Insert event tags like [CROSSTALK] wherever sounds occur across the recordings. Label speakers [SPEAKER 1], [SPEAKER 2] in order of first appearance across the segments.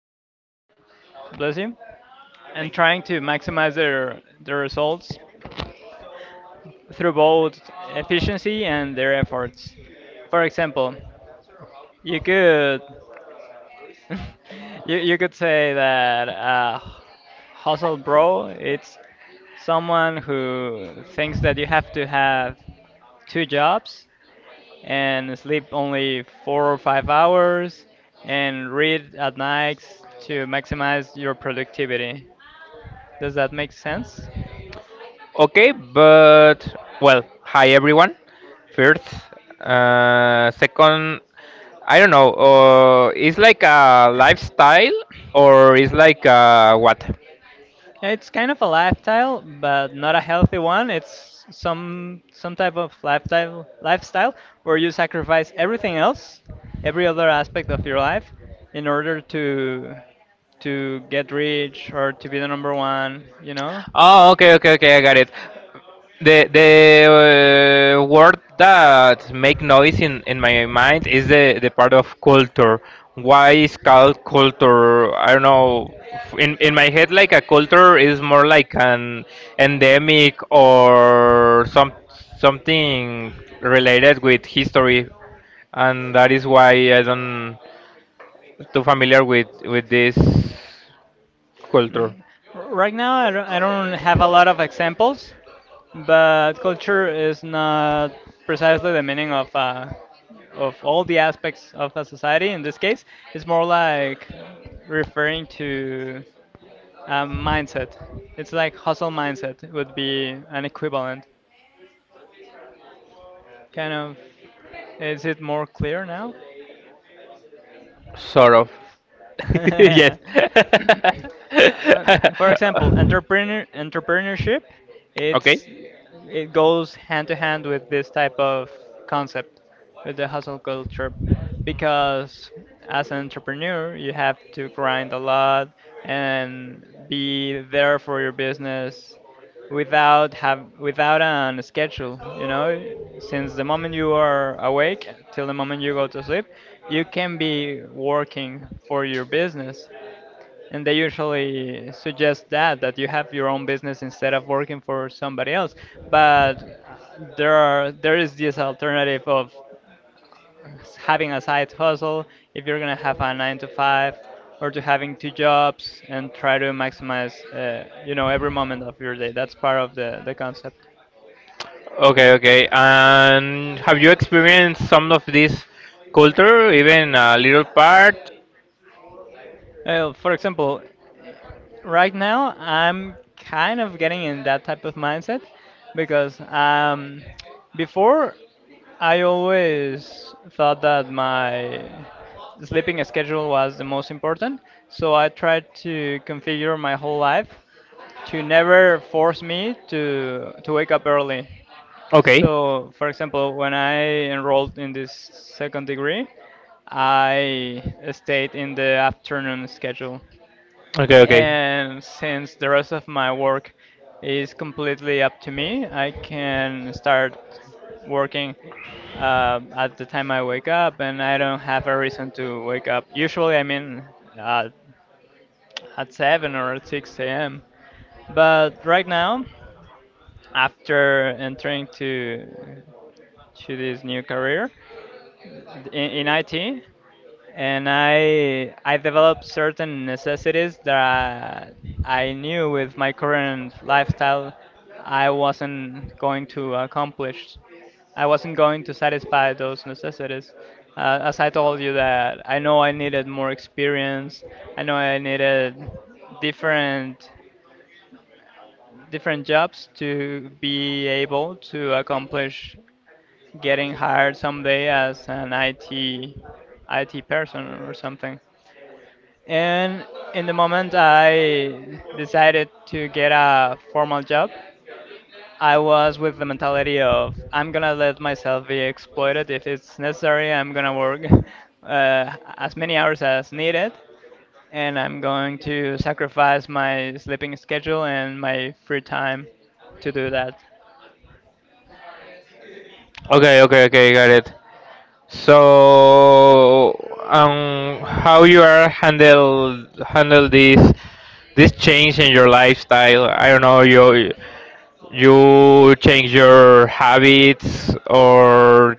[SPEAKER 1] every day, bless you, and trying to maximize their results through both efficiency and their efforts. For example, You could [LAUGHS] You could say that hustle bro, it's someone who thinks that you have to have two jobs and sleep only 4 or 5 hours and read at nights to maximize your productivity. Does that make sense?
[SPEAKER 2] Okay, but well, hi everyone. First, second, I don't know. It's like a lifestyle, or it's like what?
[SPEAKER 1] It's kind of a lifestyle, but not a healthy one. It's some type of lifestyle where you sacrifice everything else, every other aspect of your life, in order to get rich or to be the number one.
[SPEAKER 2] Oh, okay, okay, okay, I got it. The word that make noise in my mind is the part of culture. Why is called culture? I don't know. In my head, like a culture is more like an endemic or something related with history, and that is why I don't too familiar with this culture.
[SPEAKER 1] Mm, Right now, I don't have a lot of examples, but culture is not precisely the meaning of all the aspects of a society. In this case, it's more like referring to a mindset. It's like hustle mindset would be an equivalent. Kind of, is it more clear now?
[SPEAKER 2] Sort of. [LAUGHS] Yes. [LAUGHS]
[SPEAKER 1] [LAUGHS] For example, entrepreneurship,
[SPEAKER 2] Okay.
[SPEAKER 1] it goes hand to hand with this type of concept, with the hustle culture, because as an entrepreneur, you have to grind a lot and be there for your business without an schedule, since the moment you are awake till the moment you go to sleep, you can be working for your business. And they usually suggest that you have your own business instead of working for somebody else, but there is this alternative of having a side hustle if you're going to have a 9 to 5, or to having two jobs and try to maximize every moment of your day. That's part of the concept.
[SPEAKER 2] Okay, okay. And have you experienced some of this culture, even a little part?
[SPEAKER 1] For example, right now I'm kind of getting in that type of mindset because before, I always thought that my sleeping schedule was the most important, so I tried to configure my whole life to never force me to wake up early.
[SPEAKER 2] Okay.
[SPEAKER 1] So, for example, when I enrolled in this second degree, I stayed in the afternoon schedule.
[SPEAKER 2] Okay, okay.
[SPEAKER 1] And since the rest of my work is completely up to me, I can start working at the time I wake up, and I don't have a reason to wake up. Usually, I mean, uh, at 7 or at 6 a.m. But right now, after entering to this new career in IT, and I developed certain necessities that I knew with my current lifestyle I wasn't going to accomplish. I wasn't going to satisfy those necessities. As I told you, that I know I needed more experience. I know I needed different different jobs to be able to accomplish getting hired someday as an IT person or something. And in the moment I decided to get a formal job, I was with the mentality of, I'm gonna let myself be exploited if it's necessary. I'm gonna work [LAUGHS] as many hours as needed, and I'm going to sacrifice my sleeping schedule and my free time to do that.
[SPEAKER 2] Okay, okay, okay, got it. So, how you are handle this change in your lifestyle? I don't know. You change your habits, or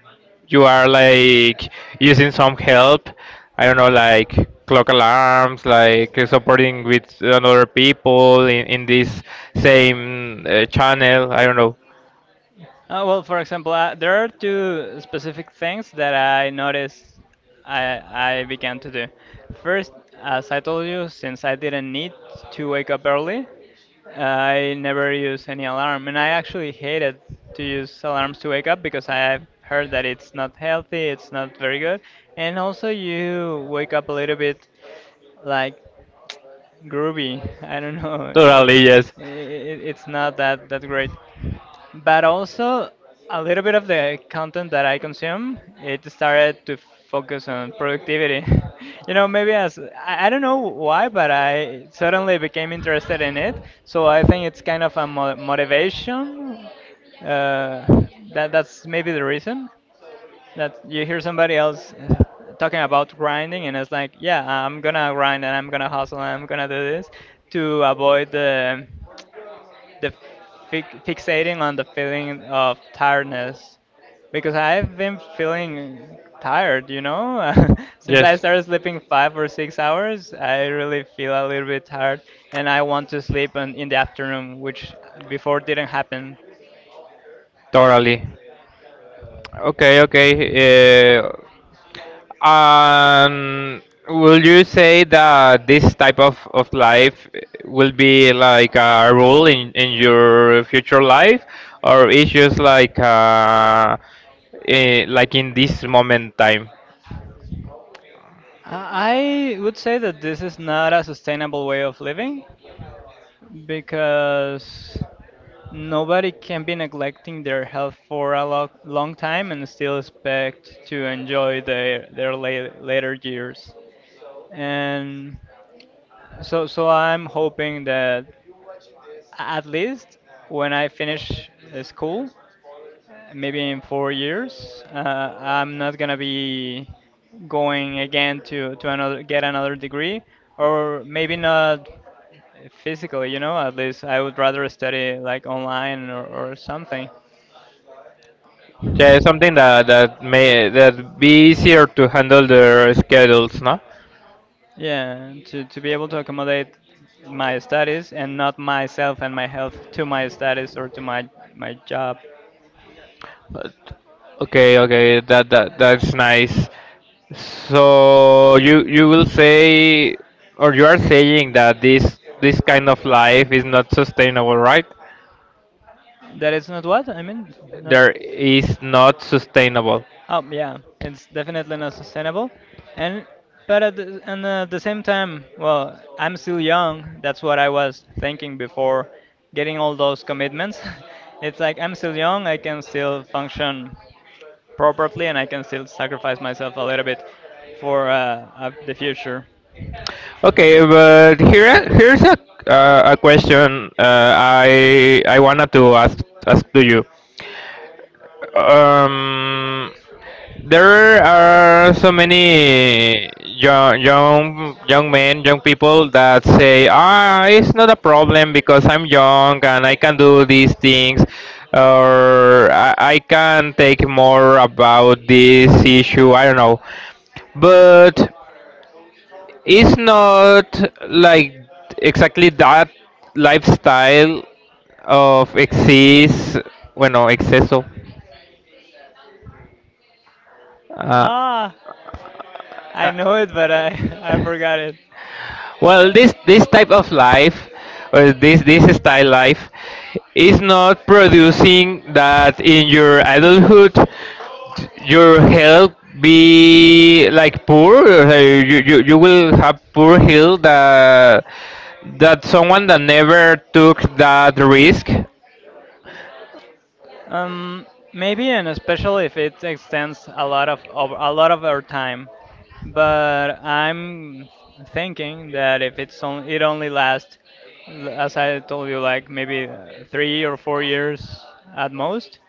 [SPEAKER 2] you are like using some help. I don't know, like clock alarms, like supporting with other people in this same channel. I don't know.
[SPEAKER 1] Well, for example, there are two specific things that I noticed I began to do. First, as I told you, since I didn't need to wake up early, I never use any alarm. And I actually hated to use alarms to wake up because I've heard that it's not healthy, it's not very good. And also, you wake up a little bit like groovy. [LAUGHS] I don't know.
[SPEAKER 2] Totally, yes.
[SPEAKER 1] It's not that great, but also a little bit of the content that I consume, it started to focus on productivity. [LAUGHS] Maybe I don't know why, but I suddenly became interested in it. So I think it's kind of a motivation. Uh, that's maybe the reason that you hear somebody else talking about grinding, and it's like, yeah, I'm gonna grind and I'm gonna hustle and I'm gonna do this to avoid the fixating on the feeling of tiredness, because I've been feeling tired, you know? [LAUGHS] Since I
[SPEAKER 2] Yes.
[SPEAKER 1] started sleeping 5 or 6 hours, I really feel a little bit tired, and I want to sleep in the afternoon, which before didn't happen.
[SPEAKER 2] Totally. Okay, okay. Um, will you say that this type of life will be like a rule in your future life, or it's just like like in this moment time?
[SPEAKER 1] I would say that this is not a sustainable way of living, because nobody can be neglecting their health for a long time and still expect to enjoy their later years. And so I'm hoping that at least when I finish school, maybe in 4 years, I'm not gonna be going again to another get another degree, or maybe not physically, you know, at least I would rather study like online, or something.
[SPEAKER 2] Yeah, something that that may that be easier to handle their schedules, no?
[SPEAKER 1] Yeah, to be able to accommodate my studies, and not myself and my health to my studies or to my job.
[SPEAKER 2] But- Okay, okay, that's nice. So you will say, or you are saying that this kind of life is not sustainable, right?
[SPEAKER 1] That is not what I mean. Not
[SPEAKER 2] There is not sustainable.
[SPEAKER 1] oh yeah, it's definitely not sustainable. And but at the, and at the same time, well, I'm still young. That's what I was thinking before getting all those commitments. [LAUGHS] It's like I'm still young. I can still function properly, and I can still sacrifice myself a little bit for the future.
[SPEAKER 2] Okay, but here's a question, I wanted to ask to you. Um, There are so many young men, young people that say, "Ah, it's not a problem because I'm young and I can do these things, or I can take more about this issue." I don't know, but it's not like exactly that lifestyle of exceso, bueno, exceso. uh,
[SPEAKER 1] Ah, I know it, but I [LAUGHS] I forgot it.
[SPEAKER 2] Well, this type of life, or this style life, is not producing that in your adulthood, your health be like poor, or you will have poor health that someone that never took that risk.
[SPEAKER 1] Um, Maybe, and especially if it extends a lot of our time. But I'm thinking that if it's on, it only lasts, as I told you, like maybe 3 or 4 years at most.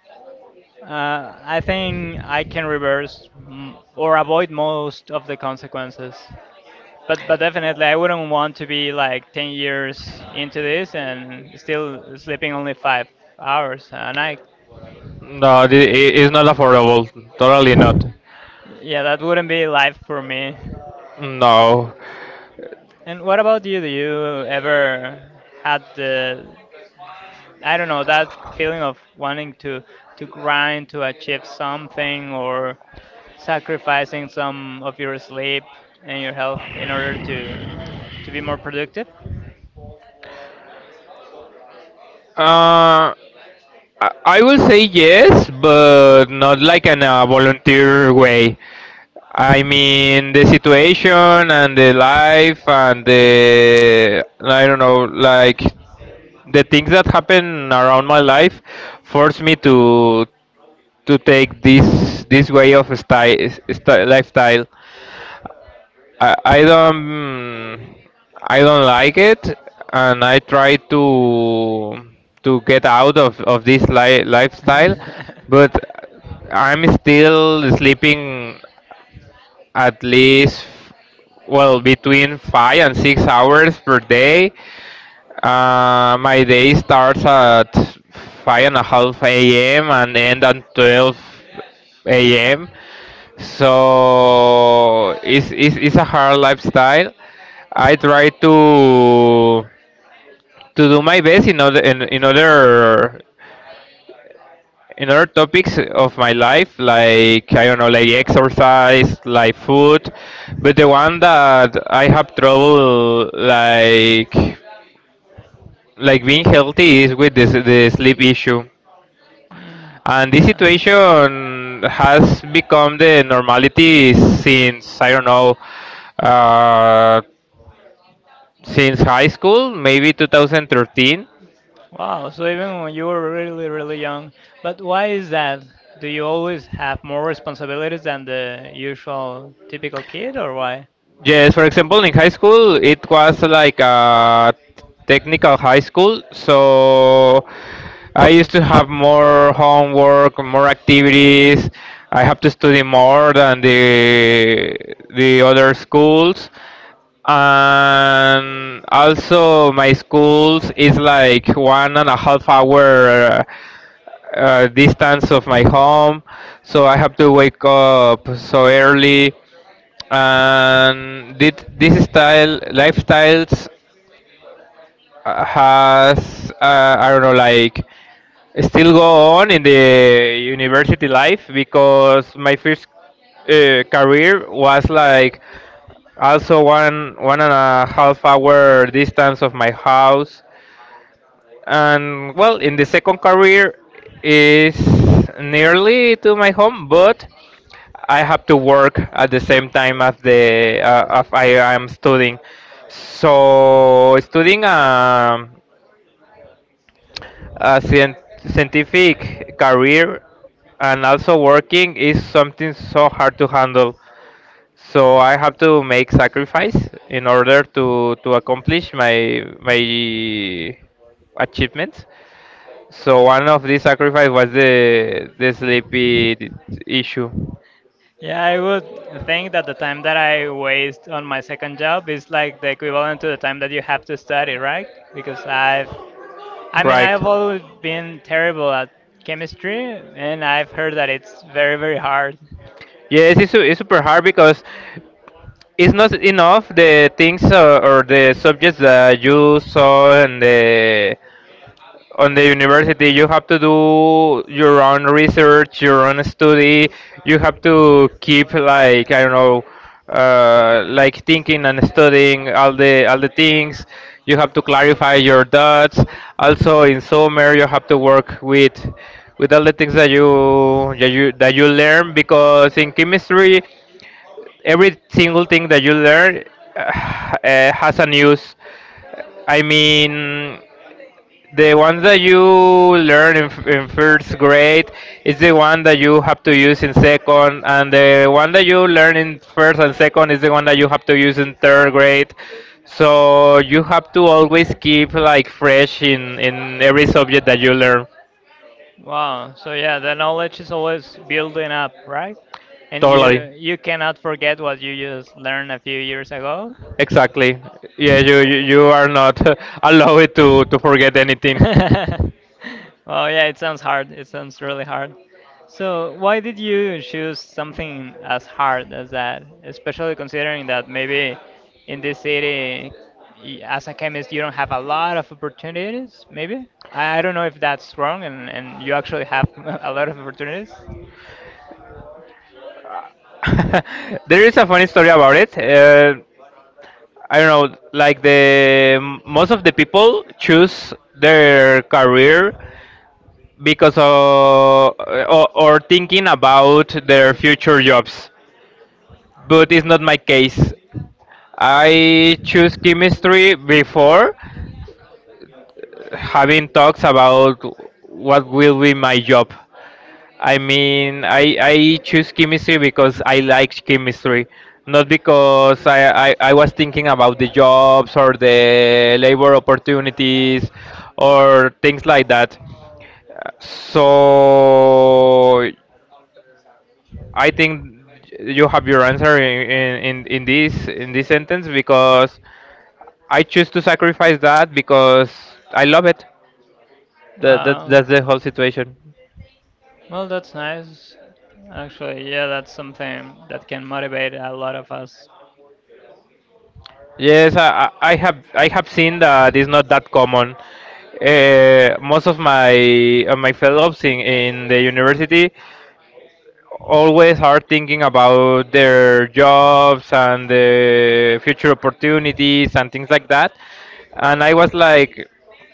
[SPEAKER 1] I think I can reverse, or avoid most of the consequences. But definitely, I wouldn't want to be like 10 years into this and still sleeping only 5 hours a night.
[SPEAKER 2] No, it is not affordable. Totally not.
[SPEAKER 1] [LAUGHS] Yeah, that wouldn't be life for me.
[SPEAKER 2] No.
[SPEAKER 1] And what about you? Do you ever had I don't know, that feeling of wanting to grind to achieve something, or sacrificing some of your sleep and your health in order to be more productive?
[SPEAKER 2] Uh, I will say yes, but not like in a volunteer way. I mean, the situation and the life and the, I don't know, like the things that happen around my life force me to take this way of style, lifestyle. I, I don't I don't like it and I try to get out of this
[SPEAKER 1] [LAUGHS]
[SPEAKER 2] lifestyle,
[SPEAKER 1] do
[SPEAKER 2] but I'm still sleeping at least well between 5 and 6 hours per day. My day starts at five and a half a.m. and end at 12 a.m. So it's a hard lifestyle. I try to do my best in other topics of my life, like I don't know, like exercise, like food. But the one that I have trouble like being healthy is with this the sleep issue,
[SPEAKER 1] Mm,
[SPEAKER 2] and this
[SPEAKER 1] yeah.
[SPEAKER 2] situation has become the normality since I don't know, uh, since high school, maybe 2013.
[SPEAKER 1] Wow, so even when you were really, really young, but why is that? Do you always have more responsibilities than the usual typical kid, or why?
[SPEAKER 2] Yes, for example, in high school, it was like a technical high school, so I used to have more homework, more activities. I have to study more than the other schools, and also my schools is like 1.5 hour distance of my home, so I have to wake up so early, and did this style lifestyles has, I don't know, like still go on in the university life because my first career was like also 1.5 hour distance of my house, and well, in the second career is nearly to my home, but I have to work at the same time as the, as I am studying. So studying, a scientific career, and also working is something so hard to handle. So I have to make sacrifice in order to accomplish my achievements. So one of these sacrifice was the sleepy issue,
[SPEAKER 1] Yeah, I would think that the time that I waste on my second job is like the equivalent to the time that you have to study, right? Because I mean,
[SPEAKER 2] right?
[SPEAKER 1] I've always been terrible at chemistry, and I've heard that it's very, very hard.
[SPEAKER 2] Yes, it's super hard because it's not enough the things, or the subjects that you saw, and the on the university you have to do your own research, your own study. You have to keep like, I don't know, like thinking and studying all the things. You have to clarify your doubts. Also in summer you have to work with all the things that you that you that you learn, because in chemistry every single thing that you learn [SIGHS] uh, has a use. I mean, the ones that you learn in first grade is the one that you have to use in second, and the one that you learn in first and second is the one that you have to use in third grade. So you have to always keep like fresh in every subject that you learn.
[SPEAKER 1] Wow. So yeah, the knowledge is always building up, right? And
[SPEAKER 2] Totally.
[SPEAKER 1] you cannot forget what you just learned a few years ago.
[SPEAKER 2] Exactly. Yeah, you are not [LAUGHS] allowed to forget anything.
[SPEAKER 1] [LAUGHS] Well, yeah, it sounds hard. It sounds really hard. So, why did you choose something as hard as that? Especially considering that maybe in this city, as a chemist, you don't have a lot of opportunities, maybe? I don't know if that's wrong, and you actually have [LAUGHS] a lot of opportunities.
[SPEAKER 2] [LAUGHS] There is a funny story about it. I don't know, like the most of the people choose their career because of, or, thinking about their future jobs, but it's not my case. I choose chemistry before having talks about what will be my job. I mean, I choose chemistry because I like chemistry, not because I was thinking about the jobs or the labor opportunities or things like that. So I think you have your answer in this sentence, because I choose to sacrifice that because I love it.
[SPEAKER 1] Wow.
[SPEAKER 2] That's the whole situation.
[SPEAKER 1] Well, that's nice. Actually, yeah, that's something that can motivate a lot of us.
[SPEAKER 2] Yes, I have seen that it's not that common. Most of my fellows in the university always are thinking about their jobs and the future opportunities and things like that. And I was like,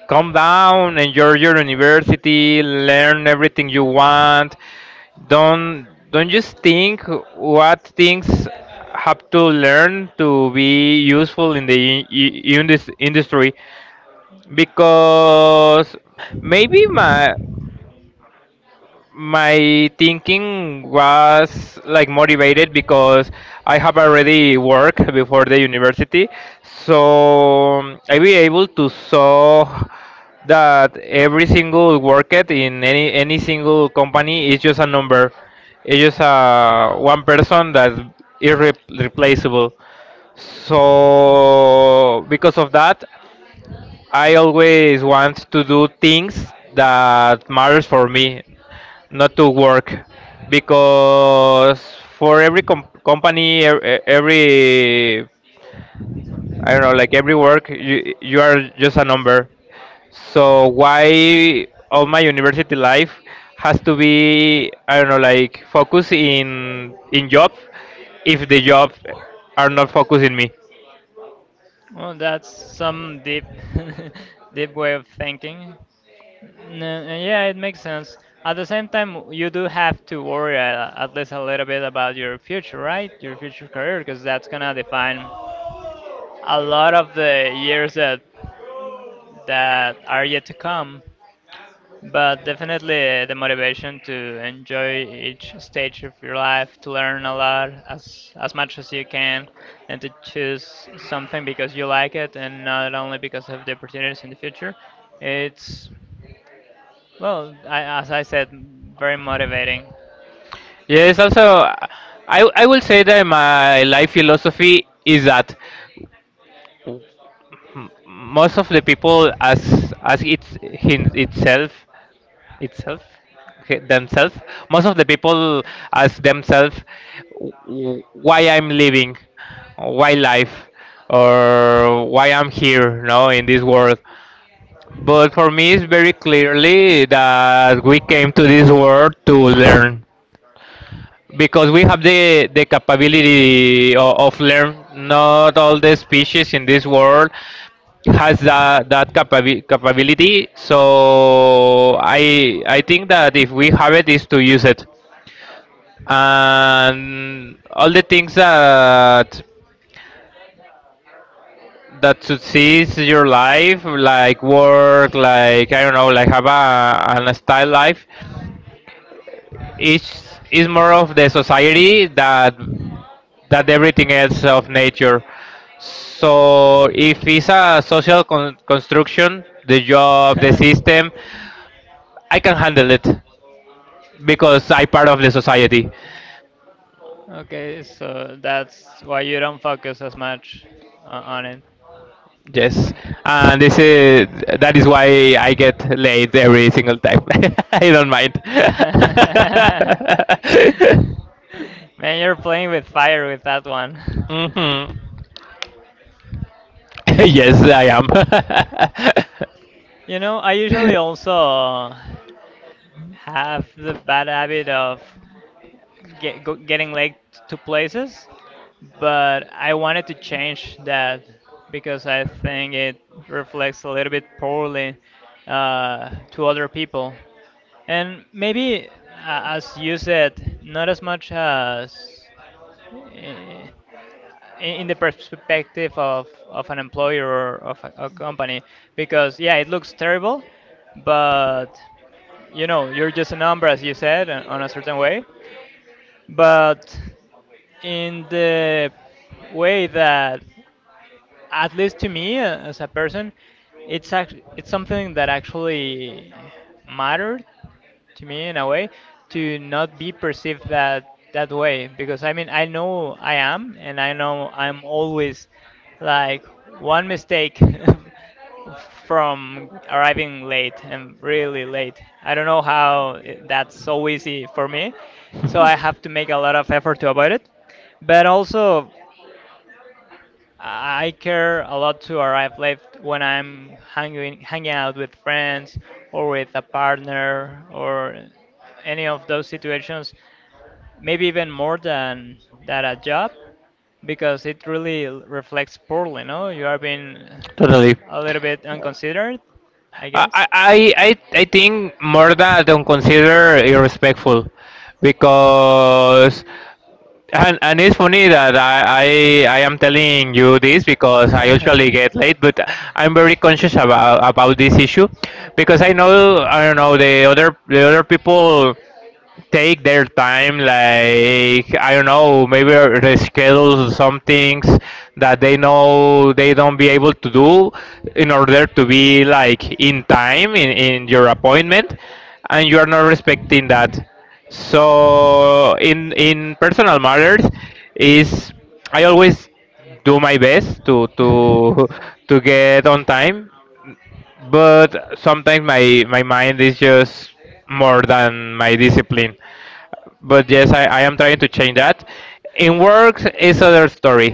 [SPEAKER 2] calm down, enjoy your university, learn everything you want. Don't just think what things have to learn to be useful in in this industry, because maybe my thinking was like motivated because I have already worked before the university, so I be able to saw that every single worker in any single company is just a number. It's just a one person that is irreplaceable. So because of that, I always want to do things that matters for me,
[SPEAKER 1] Not
[SPEAKER 2] not to
[SPEAKER 1] don't to work
[SPEAKER 2] work, because for every company, e- e- every
[SPEAKER 1] company,
[SPEAKER 2] I
[SPEAKER 1] know,
[SPEAKER 2] don't know, like every work, you are just a
[SPEAKER 1] like are
[SPEAKER 2] number. So why all my university life has to be, I don't know, like focus
[SPEAKER 1] focusing
[SPEAKER 2] in
[SPEAKER 1] job.
[SPEAKER 2] job, if the job are not focusing me.
[SPEAKER 1] Well, that's some deep, [LAUGHS] deep way of thinking. Yeah, it makes sense. At the same time, you do have to worry at least a little bit about your future, right? Your future career, because that's gonna define a lot of the years that are yet to come. But definitely, the motivation to enjoy each stage of your life, to learn a lot, as much as you can, and to choose something because you like it and not only because of the opportunities in the future. It's Well, I, as I said, very motivating.
[SPEAKER 2] Yes, also, I will say that my life philosophy is that most of the people, as it's him, itself, themselves, most of the people ask themselves why I'm living, why life, or why I'm here, no, in this world. But for me, it's very clearly that we came to this world to learn, because we have the capability of learn, not all the species in this world has capability. So I think that if we have it is to use it, and all the things that succeeds your life like work, like I don't know, like have a an style life, is more of the society that everything else of nature. So if it's a social construction, the job, the system,
[SPEAKER 1] [LAUGHS]
[SPEAKER 2] I can handle it because I part of the society.
[SPEAKER 1] Okay, so that's why you don't focus as much on it.
[SPEAKER 2] Yes,
[SPEAKER 1] Mm.
[SPEAKER 2] and this is that is why I get
[SPEAKER 1] [LAUGHS]
[SPEAKER 2] late every single time. [LAUGHS] I don't mind.
[SPEAKER 1] Man, you're playing with fire with that one.
[SPEAKER 2] [LAUGHS] Hmm. [LAUGHS] Yes, I am.
[SPEAKER 1] You know, I usually also have the bad habit of getting late to places, but I wanted to change that because I think it reflects a little bit poorly to other people. And maybe, as you said, not as much
[SPEAKER 2] [LAUGHS]
[SPEAKER 1] as i- in the perspective of an employer or of a company, because yeah, it looks terrible, but you're just a number, as you said, on a certain way. But in the way that, at least to me, as a person, it's it's something that actually mattered to me in a way, to not be perceived that way, because I mean, I know I am and I know I'm always like one mistake [LAUGHS] from arriving late and really late. I don't know how that's so easy for me. So I have to make a lot of effort to avoid it. But also I care a lot to arrive late when I'm hanging out with friends or with a partner or any of those situations, maybe even more than that a job because it really reflects poorly, no? You are being
[SPEAKER 2] Totally. Other ways,
[SPEAKER 1] a little bit unconsidered, I guess.
[SPEAKER 2] I think more than I don't consider irrespectful, because, and it's funny that I am telling you this because I usually get late, but I'm very
[SPEAKER 1] [LAUGHS]
[SPEAKER 2] conscious about this issue, because I know,
[SPEAKER 1] [LAUGHS]
[SPEAKER 2] I don't know, the other people take their time, like I don't know, maybe reschedule some things that they know they don't be able to do in order to be like in time in your appointment, and you are not respecting that. So in personal matters is, I always do my best to get on time, but sometimes my mind is just more than my discipline. But yes, I am trying to change that. In works is other story.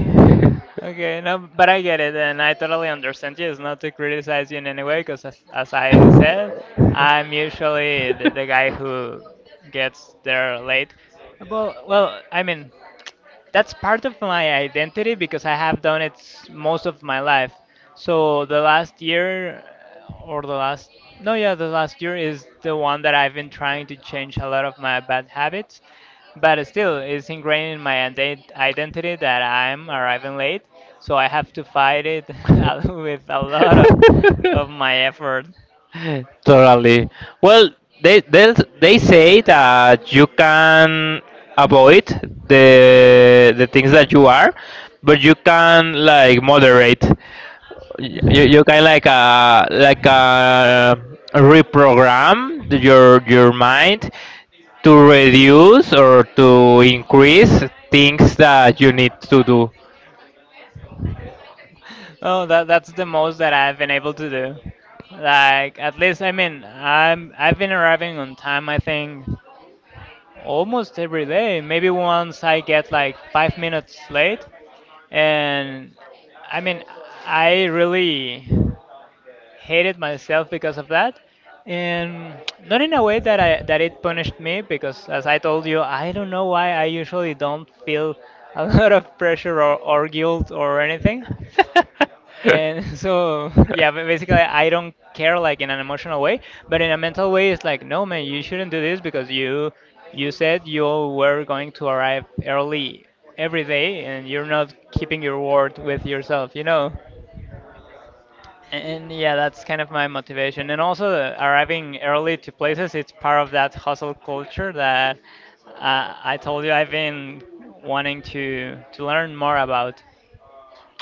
[SPEAKER 1] Okay, no, but I get it, and I totally understand you. It's not to criticize you in any way, because as I said, I'm usually the guy who gets there late. Well, I mean, that's part of my identity because I have done most of my life. So the last year, or the last, no, yeah, the last year is the one that I've been trying to change a lot of my bad habits. But still, it's ingrained in my identity that I'm arriving late. So I have to fight it [LAUGHS] with a lot
[SPEAKER 2] [LAUGHS]
[SPEAKER 1] of my
[SPEAKER 2] [LAUGHS]
[SPEAKER 1] effort.
[SPEAKER 2] Totally. Well, they they they say that you can avoid the things that you are, but you can like moderate. You can like, like, reprogram your mind to
[SPEAKER 1] [LAUGHS]
[SPEAKER 2] reduce or to increase things that you need to do.
[SPEAKER 1] Oh, that that's the most that I've been able to do. Like at least I've been arriving on time I think almost every day. Maybe once I get
[SPEAKER 2] Like
[SPEAKER 1] like
[SPEAKER 2] five
[SPEAKER 1] five
[SPEAKER 2] minutes
[SPEAKER 1] minutes late
[SPEAKER 2] late.
[SPEAKER 1] and I
[SPEAKER 2] I mean,
[SPEAKER 1] mean
[SPEAKER 2] I
[SPEAKER 1] I really
[SPEAKER 2] hated,
[SPEAKER 1] hated myself because of that,
[SPEAKER 2] and
[SPEAKER 1] and not
[SPEAKER 2] not in
[SPEAKER 1] in a
[SPEAKER 2] a way
[SPEAKER 1] way that I
[SPEAKER 2] that
[SPEAKER 1] that
[SPEAKER 2] it
[SPEAKER 1] it
[SPEAKER 2] punished
[SPEAKER 1] punished
[SPEAKER 2] me
[SPEAKER 1] me
[SPEAKER 2] because,
[SPEAKER 1] because as
[SPEAKER 2] as
[SPEAKER 1] I
[SPEAKER 2] I
[SPEAKER 1] told
[SPEAKER 2] told you,
[SPEAKER 1] you
[SPEAKER 2] you
[SPEAKER 1] I don't know
[SPEAKER 2] know why
[SPEAKER 1] why I
[SPEAKER 2] I don't
[SPEAKER 1] usually don't feel a [LAUGHS]
[SPEAKER 2] feel a
[SPEAKER 1] lot
[SPEAKER 2] lot of
[SPEAKER 1] of pressure or,
[SPEAKER 2] sorrow.
[SPEAKER 1] or guilt or anything
[SPEAKER 2] [LAUGHS]
[SPEAKER 1] and [LAUGHS] so yeah, but basically I don't care like in an emotional way, but in a mental way it's like, no man, you shouldn't do this because you said you were going to arrive early every day and you're not keeping your word with yourself, you know? And yeah, that's kind of my motivation. And also arriving early to places, it's part of that hustle culture that I told you I've been wanting to learn more about.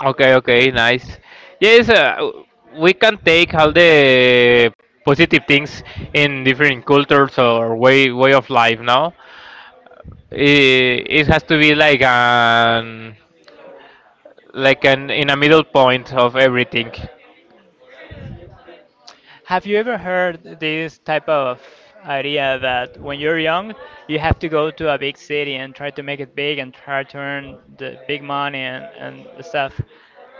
[SPEAKER 2] Okay, okay, nice. Yes, we can take all the positive things in different cultures or way of life. Now, it has to be like an, in a middle point of everything.
[SPEAKER 1] Have you ever heard this type of idea that when you're young, you have to go to a big city and try to make it big and try to earn the big money and stuff?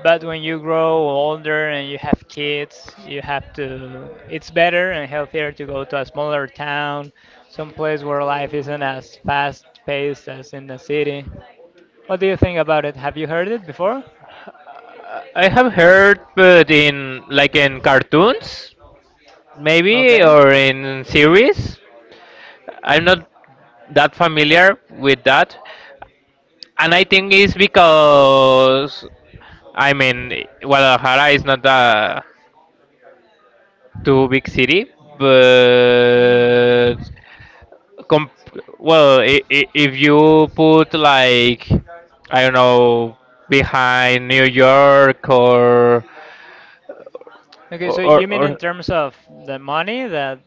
[SPEAKER 1] But when you grow older and you have kids, you have to, it's better and healthier to go to a smaller town, some place where life isn't as fast paced as in the city. What do you think about it? Have you heard it before?
[SPEAKER 2] I have heard, but in like in cartoons, maybe,
[SPEAKER 1] Okay.
[SPEAKER 2] or in series. I'm not that familiar with that, and I think it's because I mean Guadalajara is not a too big city,
[SPEAKER 1] Hmm.
[SPEAKER 2] but Com well, I if you put like, I don't know, behind New York or
[SPEAKER 1] Okay, so you mean in
[SPEAKER 2] or
[SPEAKER 1] terms of the money that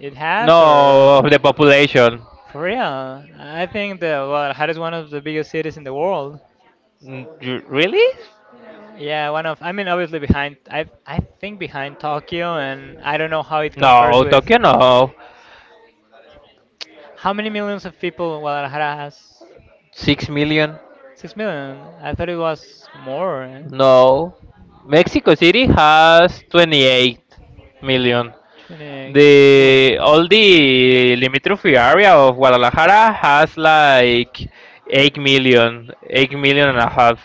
[SPEAKER 1] it has, or
[SPEAKER 2] no of the population.
[SPEAKER 1] for real? I think the Guadalajara is one of the biggest cities in the world.
[SPEAKER 2] Mm, really?
[SPEAKER 1] Yeah, one of. I mean, obviously behind. I think behind Tokyo, and I don't know how it compares
[SPEAKER 2] No,
[SPEAKER 1] with.
[SPEAKER 2] Tokyo no.
[SPEAKER 1] How many millions of people Guadalajara has?
[SPEAKER 2] 6 million?
[SPEAKER 1] 6 million. I thought it was more. Eh?
[SPEAKER 2] No. Mexico City has 28 million.
[SPEAKER 1] 28. Uy.
[SPEAKER 2] The all the limitrophy area of Guadalajara has like 8 million, eight million and a half.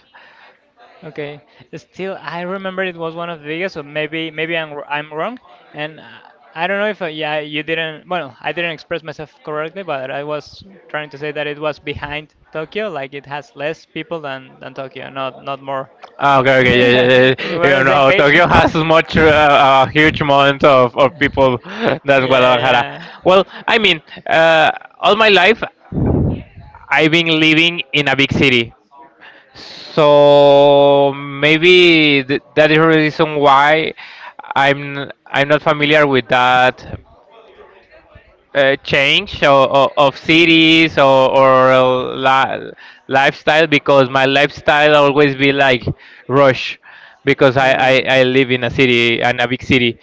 [SPEAKER 1] Okay. Still, I remember it was one of the biggest, so maybe I'm wrong, and I don't know if yeah you didn't. Well, I didn't express myself correctly, but I was trying to say that it was behind Tokyo, like it has less people than Tokyo, not more.
[SPEAKER 2] Ah, okay,
[SPEAKER 1] [LAUGHS]
[SPEAKER 2] okay, yeah, yeah,
[SPEAKER 1] Yeah,
[SPEAKER 2] yeah.
[SPEAKER 1] we're
[SPEAKER 2] Yeah.
[SPEAKER 1] on
[SPEAKER 2] You
[SPEAKER 1] the same
[SPEAKER 2] know,
[SPEAKER 1] page.
[SPEAKER 2] Tokyo has much a huge amount of people [LAUGHS] than Guadalajara.
[SPEAKER 1] Yeah,
[SPEAKER 2] Well, I mean, uh, all my life I've been living in a big city, so maybe that is the reason why I'm not familiar with that change, or of cities, or li- lifestyle, because my lifestyle
[SPEAKER 1] yeah.
[SPEAKER 2] always be like rush, because
[SPEAKER 1] Uh,
[SPEAKER 2] I live in a city and a big city.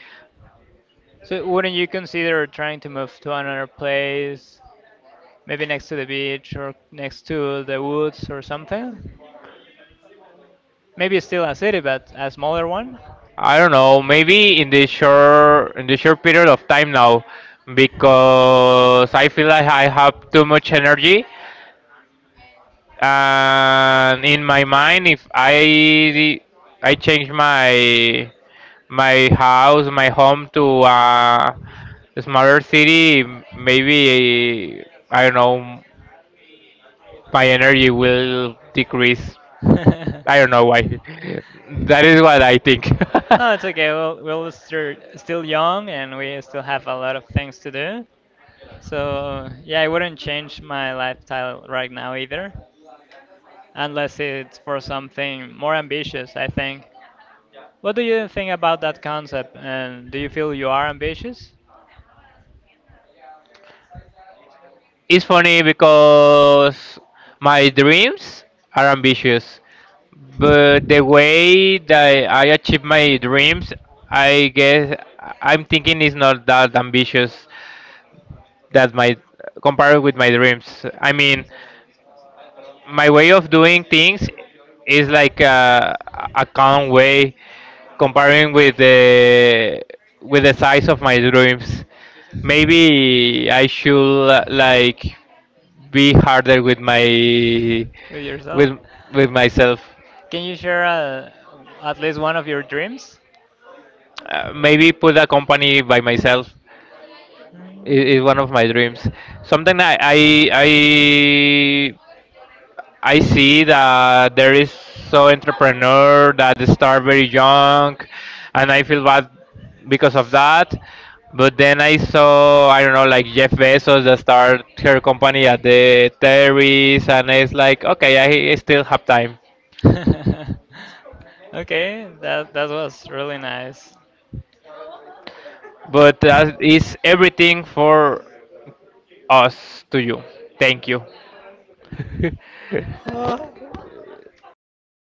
[SPEAKER 1] so wouldn't you consider trying to move to another place, maybe next to the beach or next to the woods or something? Maybe still a city, but a smaller one?
[SPEAKER 2] I don't know, maybe in the short period of time now, because I feel like I have too much energy, and in my mind, if I change my house, my home to
[SPEAKER 1] [LAUGHS]
[SPEAKER 2] a smaller city, maybe, I don't know, my energy will decrease. I don't know why. [LAUGHS] That is what I think.
[SPEAKER 1] No, it's okay. We're still young and we still have a lot of things to do. So, yeah, I wouldn't change my lifestyle right now either, unless it's for something more
[SPEAKER 2] [LAUGHS]
[SPEAKER 1] ambitious, I think. What do you think about that concept? And do you feel you are ambitious?
[SPEAKER 2] It's funny because my dreams are ambitious, but the way that I achieve my dreams, I guess I'm thinking is not that ambitious, that my compared with my dreams. I mean, my way of doing things is like a calm way comparing with the size of my dreams. Maybe I should, like, be harder with my
[SPEAKER 1] With yourself?
[SPEAKER 2] with with myself.
[SPEAKER 1] Can you share at least one of your dreams?
[SPEAKER 2] Maybe put a company by myself
[SPEAKER 1] Mm.
[SPEAKER 2] is, one of my dreams. Something I I see that there is so entrepreneur that start very young, and I feel bad because of that. But then I saw, I don't know, like Jeff Bezos that start her company at the terrace, and it's like, okay, I still have time.
[SPEAKER 1] [LAUGHS] Okay, that that was really nice.
[SPEAKER 2] But that is everything for us to you. Thank you.
[SPEAKER 1] [LAUGHS]
[SPEAKER 2] [LAUGHS]